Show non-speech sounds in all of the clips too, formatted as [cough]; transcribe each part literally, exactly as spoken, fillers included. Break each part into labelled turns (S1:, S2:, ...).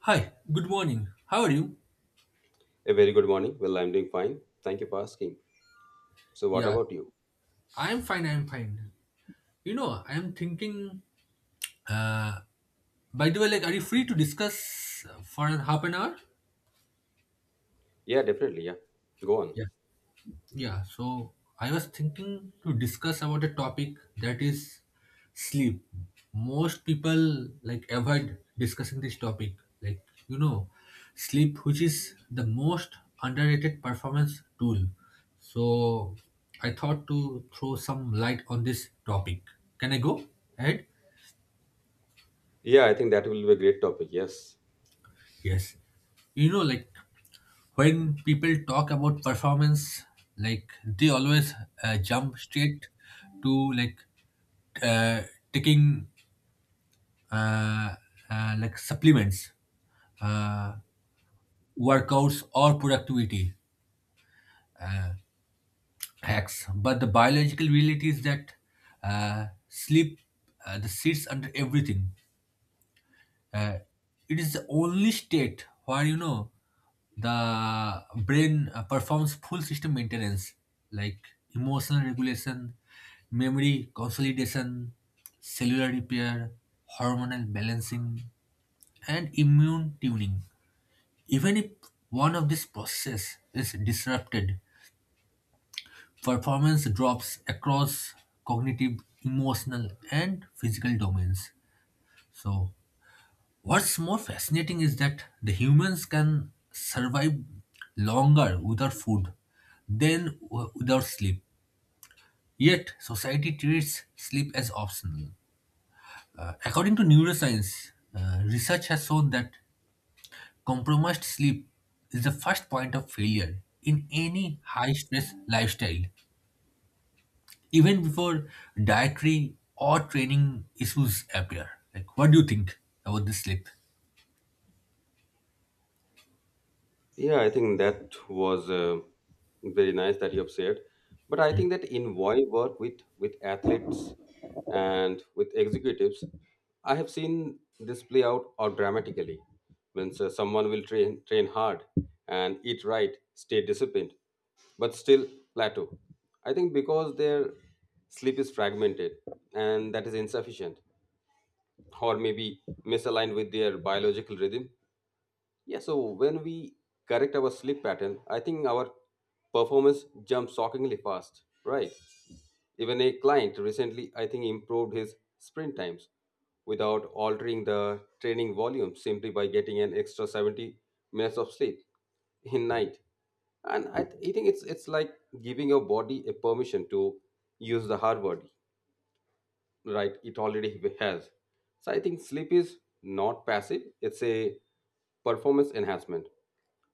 S1: Hi, good morning. How are you?
S2: A very good morning. Well, I'm doing fine. Thank you for asking. So, what
S1: Yeah,
S2: about you?
S1: I'm fine. I'm fine. You know, I'm thinking. Uh, by the way, like, are you free to discuss uh, for half an hour?
S2: Yeah, definitely. Yeah, go on.
S1: Yeah. Yeah, so I was thinking to discuss about a topic that is sleep. Most people like avoid discussing this topic. Like, you know, sleep, which is the most underrated performance tool. So I thought to throw some light on this topic. Can I go ahead?
S2: Yeah, I think that will be a great topic. Yes.
S1: Yes. You know, like when people talk about performance, like they always uh, jump straight to like uh, taking uh, uh, like supplements, uh, workouts, or productivity hacks. But the biological reality is that uh, sleep uh, the sits under everything. Uh, it is the only state where you know the brain uh, performs full system maintenance like emotional regulation, memory consolidation, cellular repair, hormonal balancing, and immune tuning. Even if one of these processes is disrupted, performance drops across cognitive, emotional, and physical domains. So, what's more fascinating is that the humans can survive longer without food than w- without sleep. Yet, society treats sleep as optional. Uh, according to neuroscience, uh, research has shown that compromised sleep is the first point of failure in any high stress lifestyle, even before dietary or training issues appear. Like, what do you think about this sleep?
S2: Yeah, I think that was uh, very nice that you have shared. But I think that in why work with with athletes and with executives, I have seen this play out or dramatically. Means uh, someone will train train hard and eat right, stay disciplined, but still plateau. I think because their sleep is fragmented and that is insufficient, or maybe misaligned with their biological rhythm. Yeah, so when we correct our sleep pattern, I think our performance jumps shockingly fast, right? Even a client recently, I think, improved his sprint times without altering the training volume simply by getting an extra seventy minutes of sleep in night. And I, th- I think it's it's like giving your body a permission to use the hard word, right? It already [laughs] has. So I think sleep is not passive. It's a performance enhancement.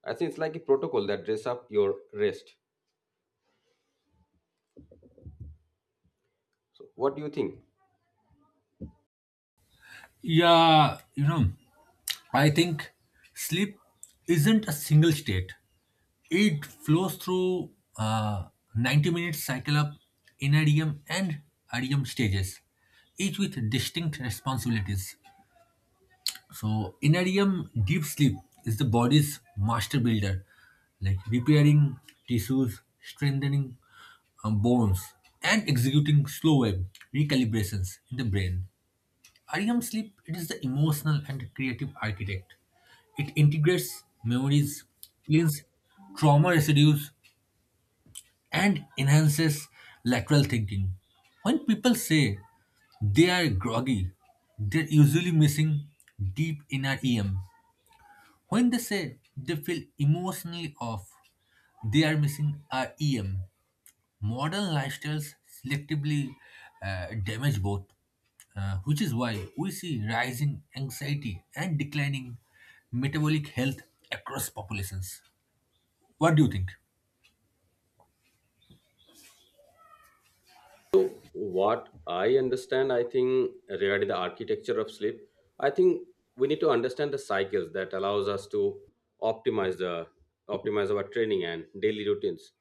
S2: I think it's like a protocol that dress up your rest. So what do you think?
S1: Yeah, you know. I think sleep isn't a single state. It flows through a ninety minute cycle of N R E M and REM stages, each with distinct responsibilities. So, N R E M deep sleep is the body's master builder, like repairing tissues, strengthening um, bones, and executing slow wave recalibrations in the brain. REM sleep it is the emotional and creative architect. It integrates memories, cleans trauma residues, and enhances lateral thinking. When people say they are groggy, they're usually missing deep inner E M. When they say they feel emotionally off, they are missing our E M. Modern lifestyles selectively uh, damage both, uh, which is why we see rising anxiety and declining metabolic health across populations. What do you think?
S2: So what I understand, I think regarding the architecture of sleep, I think we need to understand the cycles that allows us to optimize the optimize our training and daily routines.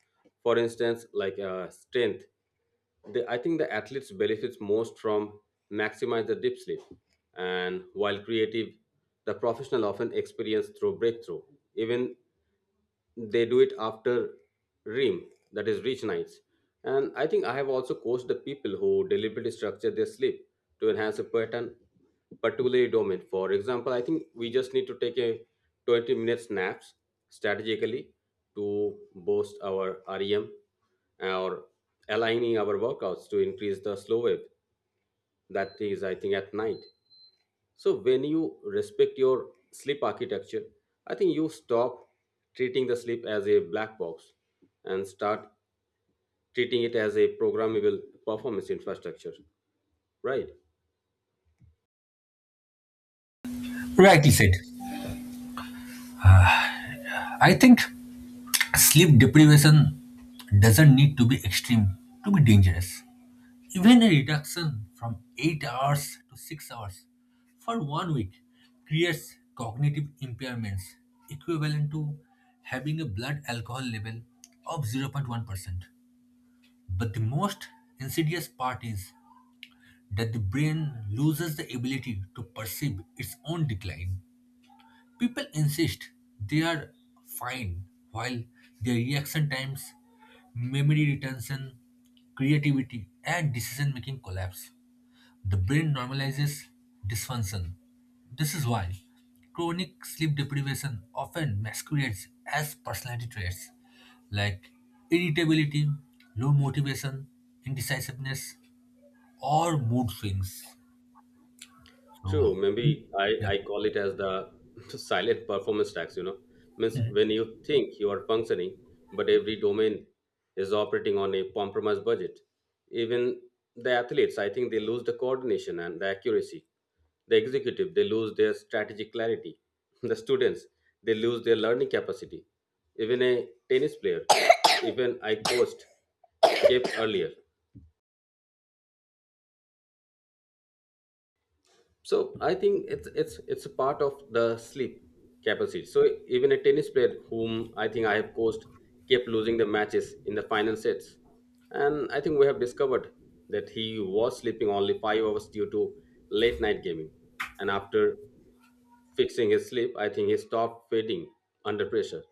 S2: For instance, like uh, strength, the, I think the athletes benefits most from maximize the deep sleep, and while creative, the professional often experience through breakthrough. Even they do it after REM, that is rich nights. And I think I have also coached the people who deliberately structure their sleep to enhance a pattern, particularly domain. For example, I think we just need to take a twenty minutes naps strategically to boost our REM or aligning our workouts to increase the slow wave. That is, I think, at night. So when you respect your sleep architecture, I think you stop treating the sleep as a black box and start treating it as a programmable performance infrastructure, right?
S1: Rightly said. I think sleep deprivation doesn't need to be extreme to be dangerous. Even a reduction from eight hours to six hours for one week creates cognitive impairments equivalent to having a blood alcohol level of zero point one percent. But the most insidious part is that the brain loses the ability to perceive its own decline. People insist they are fine while their reaction times, memory retention, creativity, and decision making collapse. The brain normalizes dysfunction. This is why chronic sleep deprivation often masquerades as personality traits like irritability, low motivation, indecisiveness, or mood swings.
S2: True.
S1: So,
S2: Maybe I,
S1: yeah,
S2: I call it as the [laughs] silent performance tax, you know. Means when you think you are functioning, but every domain is operating on a compromised budget. Even the athletes, I think they lose the coordination and the accuracy. The executive, they lose their strategic clarity. [laughs] The students, they lose their learning capacity. Even a tennis player, [coughs] even I coached, gave earlier. So I think it's it's it's a part of the sleep capacity. So even a tennis player whom I think I have coached kept losing the matches in the final sets, and I think we have discovered that he was sleeping only five hours due to late night gaming, and after fixing his slip, I think he stopped fading under pressure.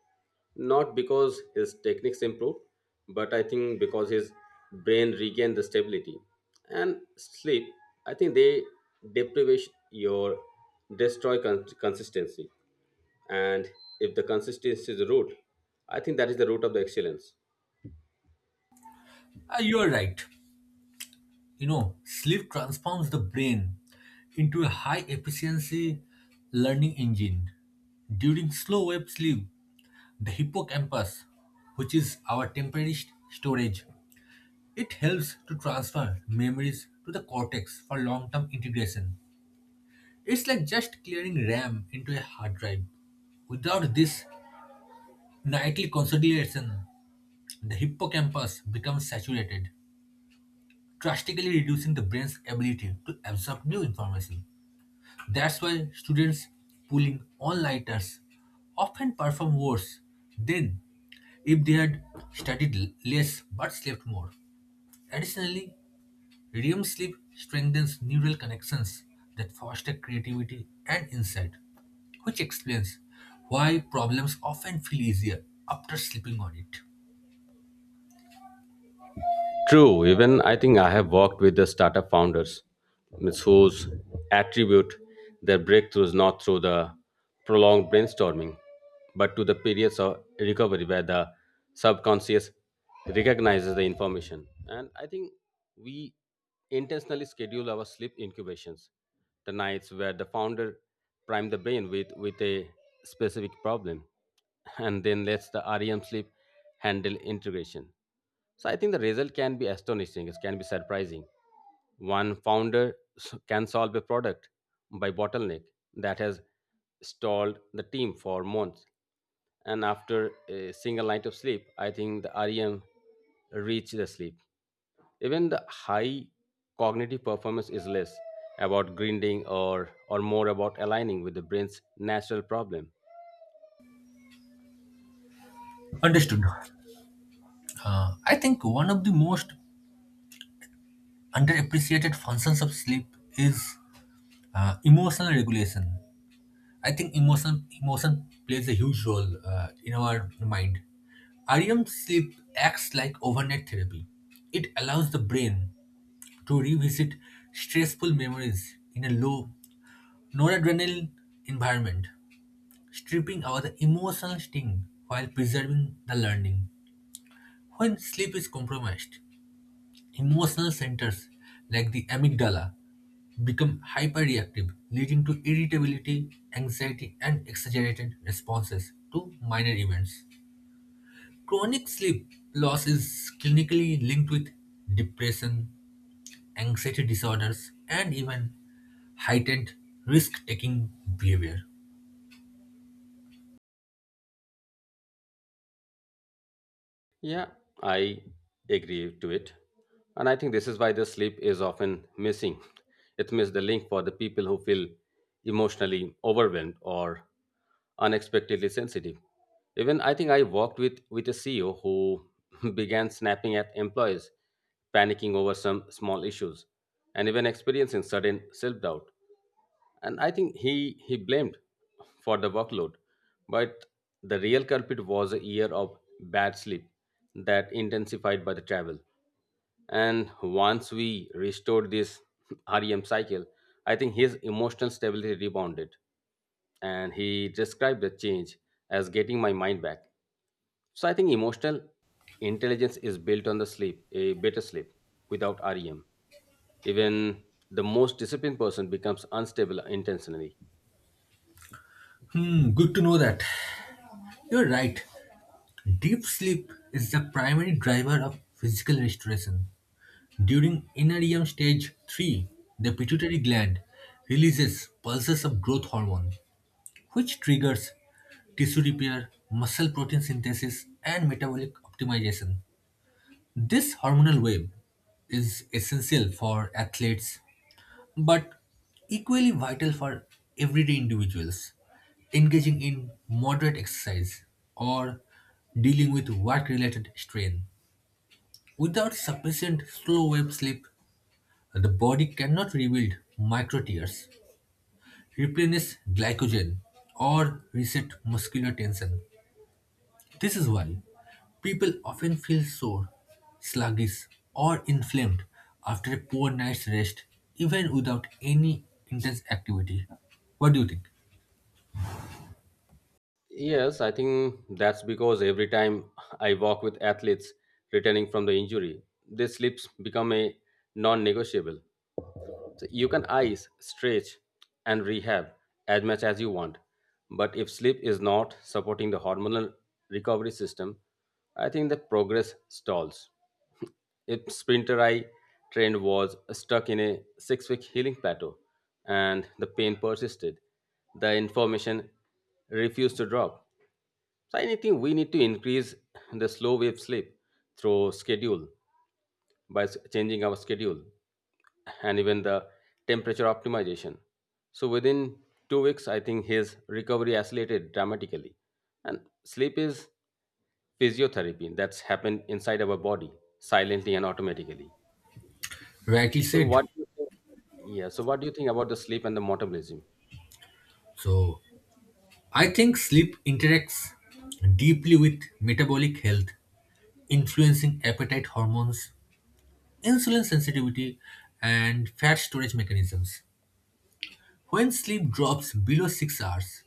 S2: Not because his techniques improved, but I think because his brain regained the stability. And sleep, I think they deprivation your destroy con- consistency. And if the consistency is the root, I think that is the root of the excellence.
S1: Ah, you are right. You know, sleep transforms the brain into a high efficiency learning engine. During slow wave sleep, the hippocampus, which is our temporary st- storage, It helps to transfer memories to the cortex for long term integration. It's like just clearing RAM into a hard drive. Without this nightly consolidation, the hippocampus becomes saturated, drastically reducing the brain's ability to absorb new information. That's why students pulling all nighters often perform worse than if they had studied l- less but slept more. Additionally, REM sleep strengthens neural connections that foster creativity and insight, which explains why problems often feel easier after sleeping on it.
S2: True, even I think I have worked with the startup founders means whose attribute their breakthroughs not through the prolonged brainstorming, but to the periods of recovery where the subconscious recognizes the information. And I think we intentionally schedule our sleep incubations, the nights where the founder prime the brain with, with a specific problem and then lets the REM sleep handle integration. So I think the result can be astonishing. It can be surprising. One founder s- can solve a product by bottleneck that has stalled the team for months. And after a single night of sleep, I think the REM reach the sleep. Even the high cognitive performance is less about grinding or, or more about aligning with the brain's natural problem.
S1: Understood. Uh, I think one of the most underappreciated functions of sleep is uh, emotional regulation. I think emotion emotion plays a huge role uh, in our mind. REM sleep acts like overnight therapy. It allows the brain to revisit stressful memories in a low noradrenaline environment, stripping out the emotional sting while preserving the learning. When sleep is compromised, emotional centers like the amygdala become hyperreactive, leading to irritability, anxiety, and exaggerated responses to minor events. Chronic sleep loss is clinically linked with depression, anxiety disorders, and even heightened risk taking behavior.
S2: Yeah, I agree to it. And I think this is why the sleep is often missing. It misses the link for the people who feel emotionally overwhelmed or unexpectedly sensitive. Even I think I worked with, with a C E O who [laughs] began snapping at employees, panicking over some small issues, and even experiencing sudden self doubt. And I think he he blamed for the workload, but the real culprit was a year of bad sleep that intensified by the travel. And once we restored this [laughs] REM cycle, I think his emotional stability rebounded, and he described the change as getting my mind back. So I think emotional intelligence is built on the sleep, a better sleep. Without REM, even the most disciplined person becomes unstable intentionally.
S1: Hmm, good to know that. You're right. Deep sleep is the primary driver of physical restoration. During N R E M stage three, the pituitary gland releases pulses of growth hormone, which triggers tissue repair, muscle protein synthesis, and metabolic optimization. This hormonal wave is essential for athletes, but equally vital for everyday individuals. Engaging in moderate exercise or dealing with work related strain. Without sufficient slow wave sleep, the body cannot rebuild microtears, replenish glycogen, or reset muscular tension. This is why people often feel sore, sluggish, or inflamed after a poor night's rest, even without any intense activity. What do you think?
S2: Yes, I think that's because every time I walk with athletes returning from the injury, their slips become a non negotiable. So you can ice, stretch, and rehab as much as you want. But if sleep is not supporting the hormonal recovery system, I think the progress stalls. A sprinter I trained was stuck in a six week healing plateau, and the pain persisted. The information refused to drop. So, I think we need to increase the slow wave sleep through schedule by s- changing our schedule and even the temperature optimization. So, within two weeks, I think his recovery accelerated dramatically. And sleep is physiotherapy that's happened inside our body silently and automatically.
S1: Rightly
S2: So
S1: said.
S2: what do you think? Yeah. So what do you think about the sleep and the metabolism?
S1: So, I think sleep interacts deeply with metabolic health, influencing appetite hormones, insulin sensitivity, and fat storage mechanisms. When sleep drops below six hours,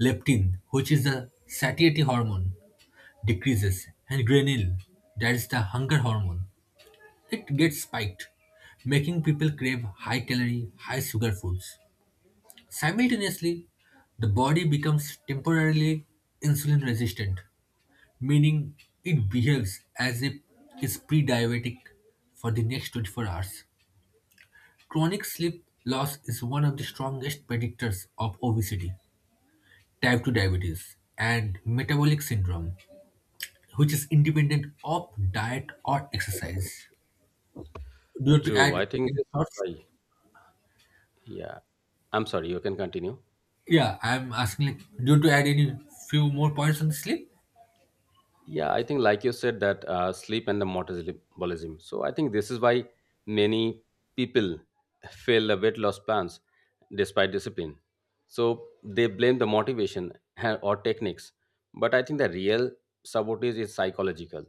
S1: leptin, which is the satiety hormone, decreases and ghrelin, that is the hunger hormone, it gets spiked, making people crave high calorie, high sugar foods. Simultaneously, the body becomes temporarily insulin resistant, meaning it behaves as if it's pre diabetic for the next twenty-four hours. Chronic sleep loss is one of the strongest predictors of obesity, type two diabetes, and metabolic syndrome, which is independent of diet or exercise. Do you have to add
S2: True. I think
S1: any
S2: this is
S1: thoughts?
S2: why. Yeah. I'm sorry. You can continue.
S1: Yeah, I'm asking like, do you have to add any few more points on the sleep?
S2: Yeah, I think, like you said, that uh, sleep and the metabolism. So I think this is why many people [laughs] fail the weight loss plans despite discipline. So they blame the motivation and- or techniques, but I think the real sabotage is psychological.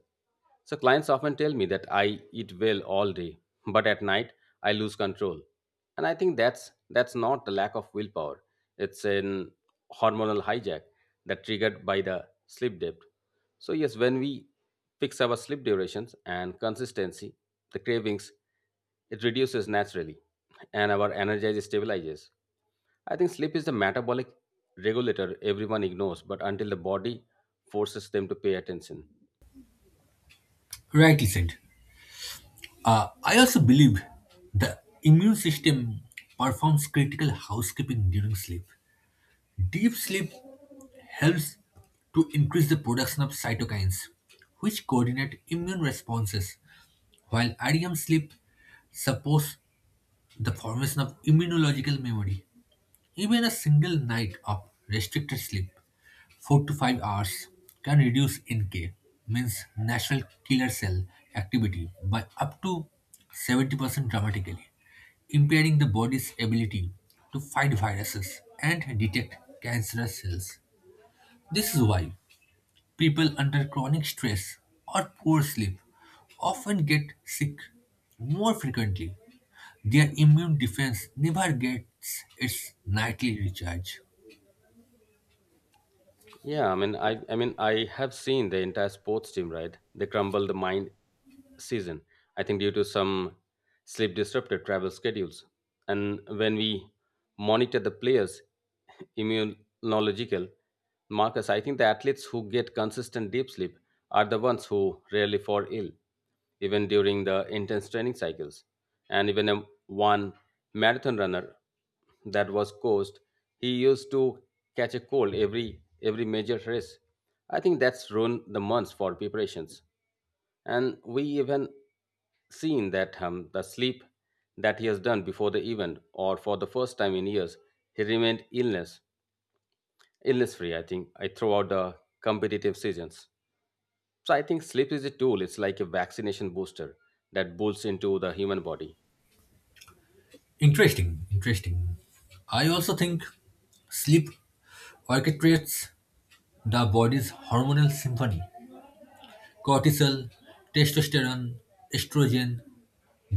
S2: So clients often tell me that I eat well all day, but at night I lose control, and I think that's that's not the lack of willpower. It's an hormonal hijack that triggered by the sleep debt. So, yes, when we fix our sleep durations and consistency, the cravings, it reduces naturally and our energy stabilizes. I think sleep is the metabolic regulator everyone ignores, but until the body forces them to pay attention.
S1: Rightly said. Uh, I also believe the immune system performs critical housekeeping during sleep. Deep sleep helps to increase the production of cytokines, which coordinate immune responses, while REM sleep supports the formation of immunological memory. Even a single night of restricted sleep, four to five hours, can reduce N K, means natural killer cell activity, by up to seventy percent dramatically, impairing the body's ability to fight viruses and detect cancerous cells. This is why people under chronic stress or poor sleep often get sick more frequently. Their immune defense never gets its nightly recharge.
S2: Yeah, I mean, I, I mean, I have seen the entire sports team, right? They crumbled the mind season. I think due to some sleep disrupted travel schedules. And when we monitor the players' immunological markers, I think the athletes who get consistent deep sleep are the ones who rarely fall ill, even during the intense training cycles, and even a one marathon runner that was coached, he used to catch a cold every every major race. I think that's ruined the months for preparations. And we even seen that um, the sleep that he has done before the event or for the first time in years, he remained illness illness free. I think I throughout the competitive seasons. So I think sleep is a tool. It's like a vaccination booster that boosts into the human body.
S1: Interesting, interesting. I also think sleep orchestrates the body's hormonal symphony. Cortisol, testosterone, estrogen,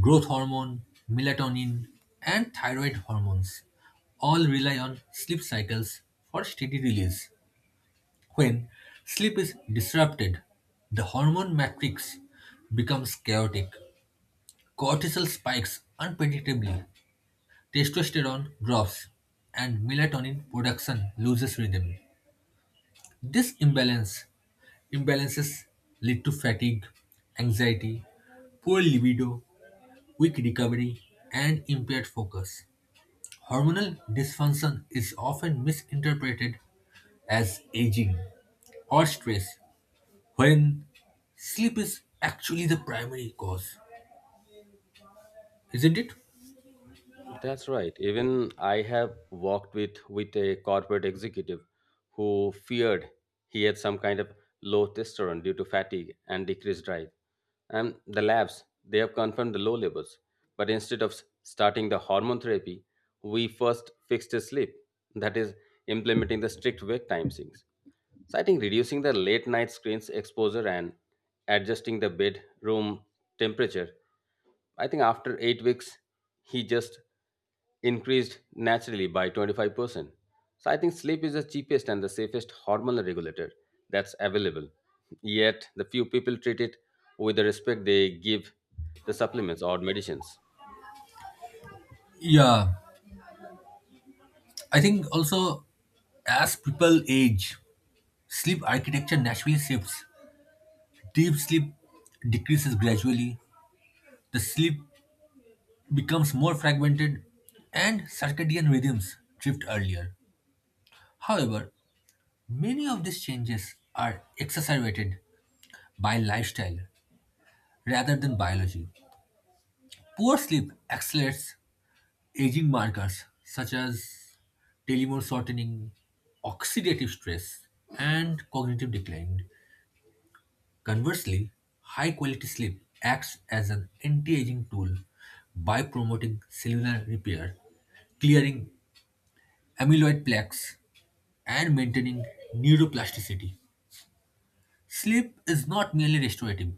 S1: growth hormone, melatonin, and thyroid hormones all rely on sleep cycles for steady release. When sleep is disrupted, the hormone matrix becomes chaotic. Cortisol spikes unpredictably, Testosterone drops and melatonin production loses rhythm. This imbalance imbalances lead to fatigue, anxiety, poor libido, weak recovery, and impaired focus. Hormonal dysfunction is often misinterpreted as aging or stress when sleep is actually the primary cause, isn't it?
S2: That's right. Even I have walked with with a corporate executive who feared he had some kind of low testosterone due to fatigue and decreased drive. And the labs, they have confirmed the low levels. But instead of s- starting the hormone therapy, we first fixed his sleep. That is implementing the strict wake time sinks. So I think reducing the late night screens exposure and adjusting the bedroom temperature, I think after eight weeks, he just increased naturally by twenty-five percent. So I think sleep is the cheapest and the safest hormonal regulator that's available. Yet, the few people treat it with the respect they give the supplements or medicines.
S1: Yeah, I think also as people age, Sleep architecture naturally shifts. Deep sleep decreases gradually, the sleep becomes more fragmented, and circadian rhythms drift earlier. However, many of these changes are exacerbated by lifestyle rather than biology. Poor sleep accelerates aging markers such as telomere shortening, oxidative stress, and cognitive decline. Conversely, high-quality sleep acts as an anti-aging tool by promoting cellular repair, clearing amyloid plaques, and maintaining neuroplasticity. Sleep is not merely restorative.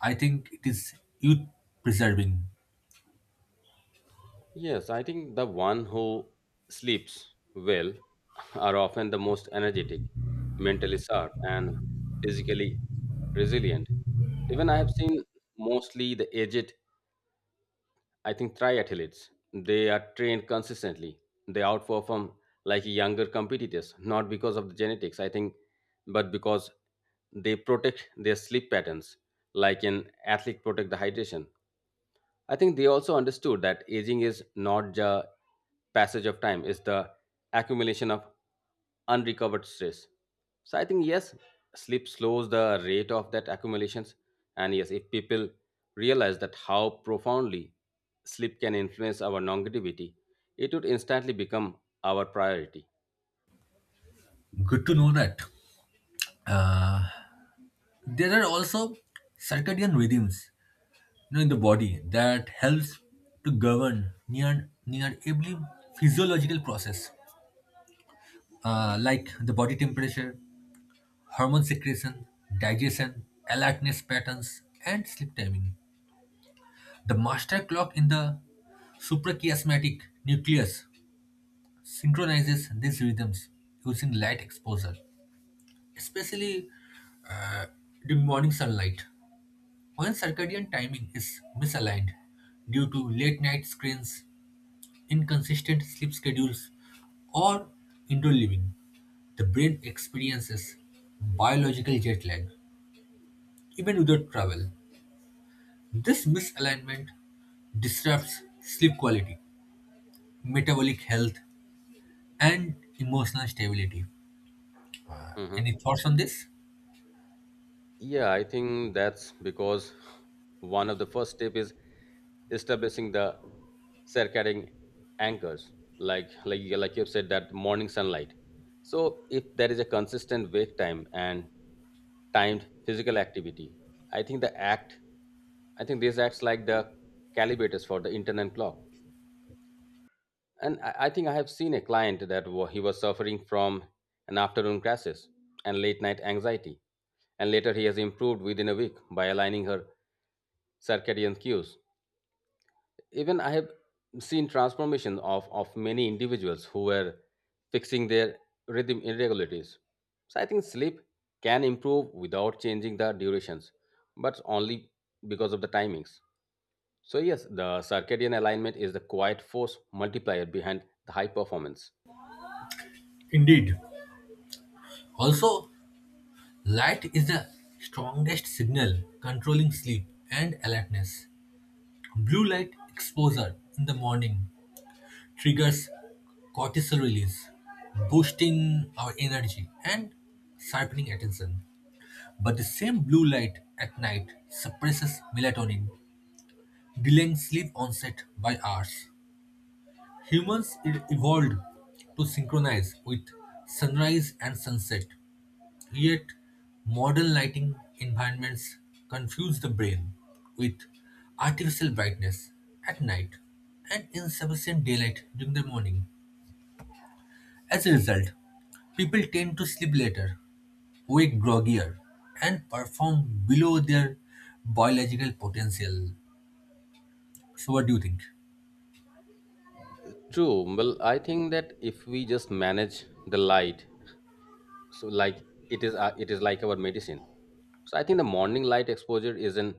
S1: I think it is youth preserving.
S2: Yes, I think the one who sleeps well are often the most energetic, mentally sharp, and physically resilient. Even I have seen mostly the aged, I think triathletes, they are trained consistently. They outperform like younger competitors, not because of the genetics, I think, but because they protect their sleep patterns, like an athlete protect the hydration. I think they also understood that aging is not the passage of time, it's the accumulation of unrecovered stress. So I think yes, sleep slows the rate of that accumulations. And yes, if people realize that how profoundly sleep can influence our longevity, it would instantly become our priority.
S1: Good to know that. Uh, there are also circadian rhythms you know, in the body that helps to govern near near every physiological process uh, like the body temperature, hormone secretion, digestion, alertness patterns, and sleep timing. The master clock in the suprachiasmatic nucleus synchronizes these rhythms using light exposure, especially uh, during morning sunlight. When circadian timing is misaligned due to late night screens, inconsistent sleep schedules, or indoor living, the brain experiences biological jet lag, even without travel. This misalignment disrupts sleep quality, metabolic health, and emotional stability. Uh,
S2: Mhm.
S1: any thoughts on this?
S2: Yeah, I think that's because one of the first step is establishing the circadian anchors, like like you- like you've said, that morning sunlight. So if there is a consistent wake time and timed physical activity, I think the act i think this acts like the calibrators for the internal clock. And i, I think I have seen a client that wa- he was suffering from an afternoon crashes and late night anxiety, and later he has improved within a week by aligning her circadian cues. Even I have seen transformation of, of many individuals who were fixing their rhythm irregularities. So I think sleep can improve without changing the durations but only because of the timings. So yes, the circadian alignment is the quiet force multiplier behind the high performance.
S1: Indeed. Also, light is the strongest signal controlling sleep and alertness. Blue light exposure in the morning triggers cortisol release, boosting our energy and sharpening attention. But the same blue light at night suppresses melatonin, delaying sleep onset by hours. Humans e- evolved to synchronize with sunrise and sunset, yet, modern lighting environments confuse the brain with artificial brightness at night and insufficient daylight during the morning. As a result, people tend to sleep later, wake groggier, and perform below their biological potential. So, what do you think?
S2: True. Well, I think that if we just manage the light, so like it is uh, it is like our medicine. So I think the morning light exposure is an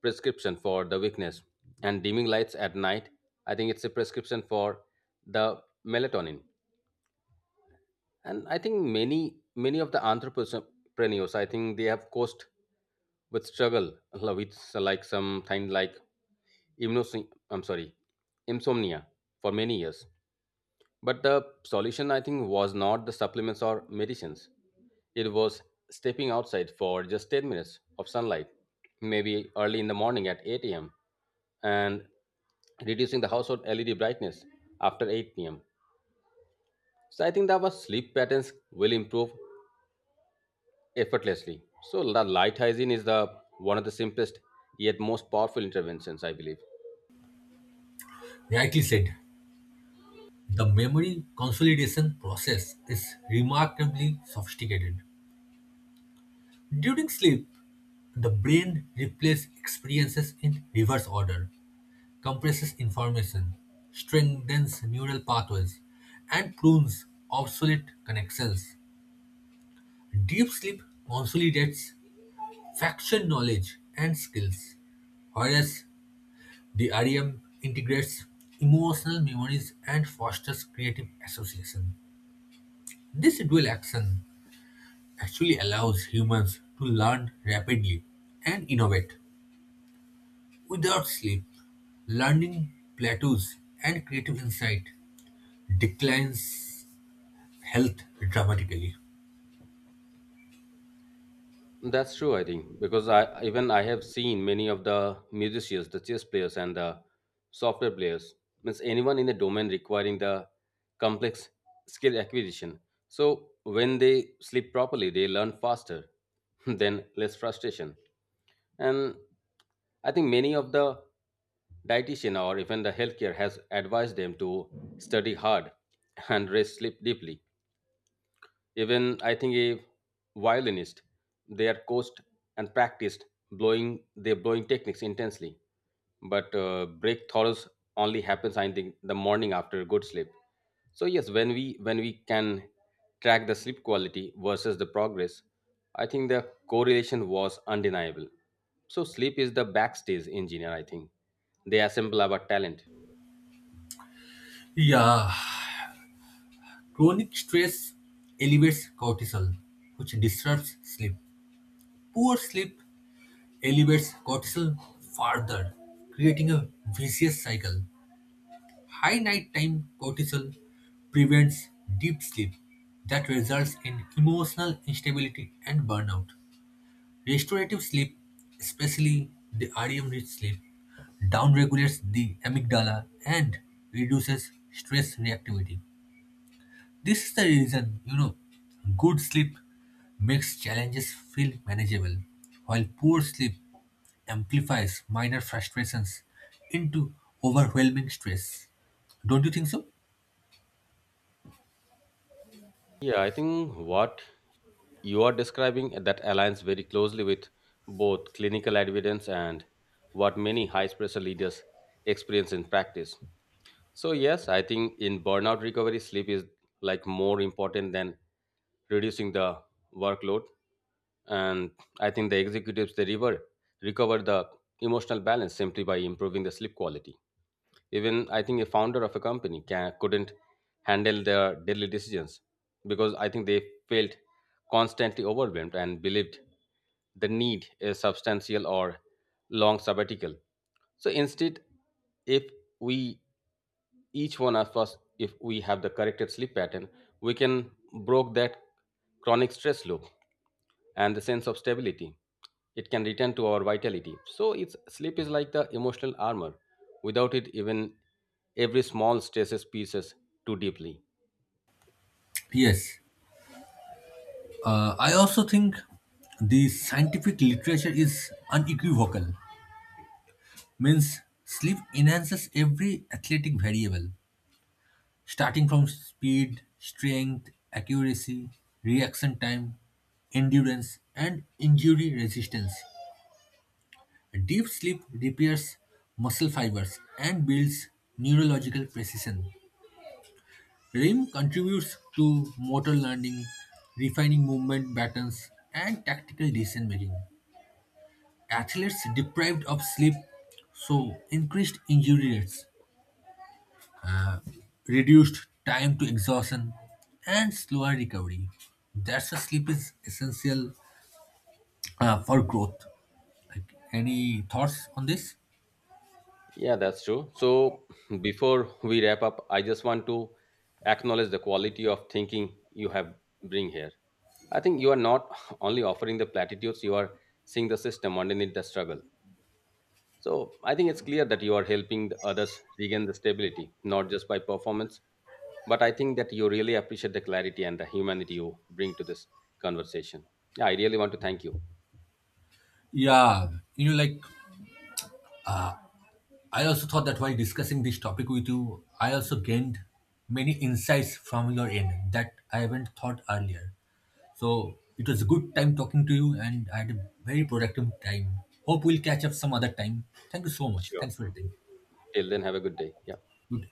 S2: prescription for the weakness, and dimming lights at night, I think it's a prescription for the melatonin. And I think many many of the entrepreneurs, I think they have cost with struggle, uh, with, uh, like some kind, like imnos I'm sorry insomnia for many years. But the solution, I think, was not the supplements or medicines. It was stepping outside for just ten minutes of sunlight, maybe early in the morning at eight a m, and reducing the household L E D brightness after eight p m. So I think that our sleep patterns will improve effortlessly. So the light hygiene is the one of the simplest yet most powerful interventions, I believe.
S1: Rightly said. The memory consolidation process is remarkably sophisticated. During sleep, the brain replays experiences in reverse order, compresses information, strengthens neural pathways, and prunes obsolete connections. Deep sleep consolidates faction knowledge and skills, whereas the REM integrates emotional memories and fosters creative association. This dual action actually allows humans to learn rapidly and innovate. Without sleep, learning plateaus and creative insight declines health dramatically.
S2: That's true, I think, because I even I have seen many of the musicians, the chess players, and the software players, means anyone in the domain requiring the complex skill acquisition. So when they sleep properly, they learn faster, [laughs] then less frustration. And I think many of the dietitian or even the healthcare has advised them to study hard [laughs] and rest sleep deeply, even I think a violinist, they are coached and practiced blowing their blowing techniques intensely. But uh, breakthroughs only happens, I think, the morning after a good sleep. So yes, when we when we can track the sleep quality versus the progress, I think the correlation was undeniable. So sleep is the backstage engineer, I think. They assemble our talent.
S1: Yeah, chronic stress elevates cortisol, which disrupts sleep. Poor sleep elevates cortisol further, creating a vicious cycle. High nighttime cortisol prevents deep sleep that results in emotional instability and burnout. Restorative sleep, especially the REM rich sleep, downregulates the amygdala and reduces stress reactivity. This is the reason, you know, good sleep makes challenges feel manageable, while poor sleep amplifies minor frustrations into overwhelming stress. Don't you think so?
S2: Yeah, I think what you are describing that aligns very closely with both clinical evidence and what many high pressure leaders experience in practice. So, yes, I think in burnout recovery, sleep is like more important than reducing the workload. And I think the executives they rever- recover the emotional balance simply by improving the sleep quality. Even I think a founder of a company can, couldn't handle their daily decisions because I think they felt constantly overwhelmed and believed the need a substantial or long sabbatical. So instead, if we each one of us, if we have the corrected sleep pattern, we can broke that chronic stress loop and the sense of stability. It can return to our vitality. So it's sleep is like the emotional armor. Without it, even every small stresses pieces too deeply.
S1: Yes, uh, I also think the scientific literature is unequivocal. Means sleep enhances every athletic variable, starting from speed, strength, accuracy, reaction time, endurance, and injury resistance. Deep sleep repairs muscle fibers and builds neurological precision. REM contributes to motor learning, refining movement patterns, and tactical decision making. athletes deprived of sleep, so increased injury rates, reduced time to exhaustion, and slower recovery. That's why sleep is essential uh, for growth. Like, any thoughts on this?
S2: Yeah, that's true. So [clears throat] before we wrap up, I just want to acknowledge the quality of thinking you have bring here. I think you are not [laughs] only offering the platitudes, you are seeing the system underneath the struggle. So I think it's clear that you are helping the others regain the stability, not just by performance, but I think that you really appreciate the clarity and the humanity you bring to this conversation. Yeah, I really want to thank you.
S1: Yeah, you know like I also thought that while discussing this topic with you, I also gained many insights from your end that I haven't thought earlier. So it was a good time talking to you, and I had a very productive time. Hope we'll catch up some other time. Thank you so much.
S2: Sure.
S1: Thanks for your time.
S2: Till then have a good day. Yeah.
S1: Good.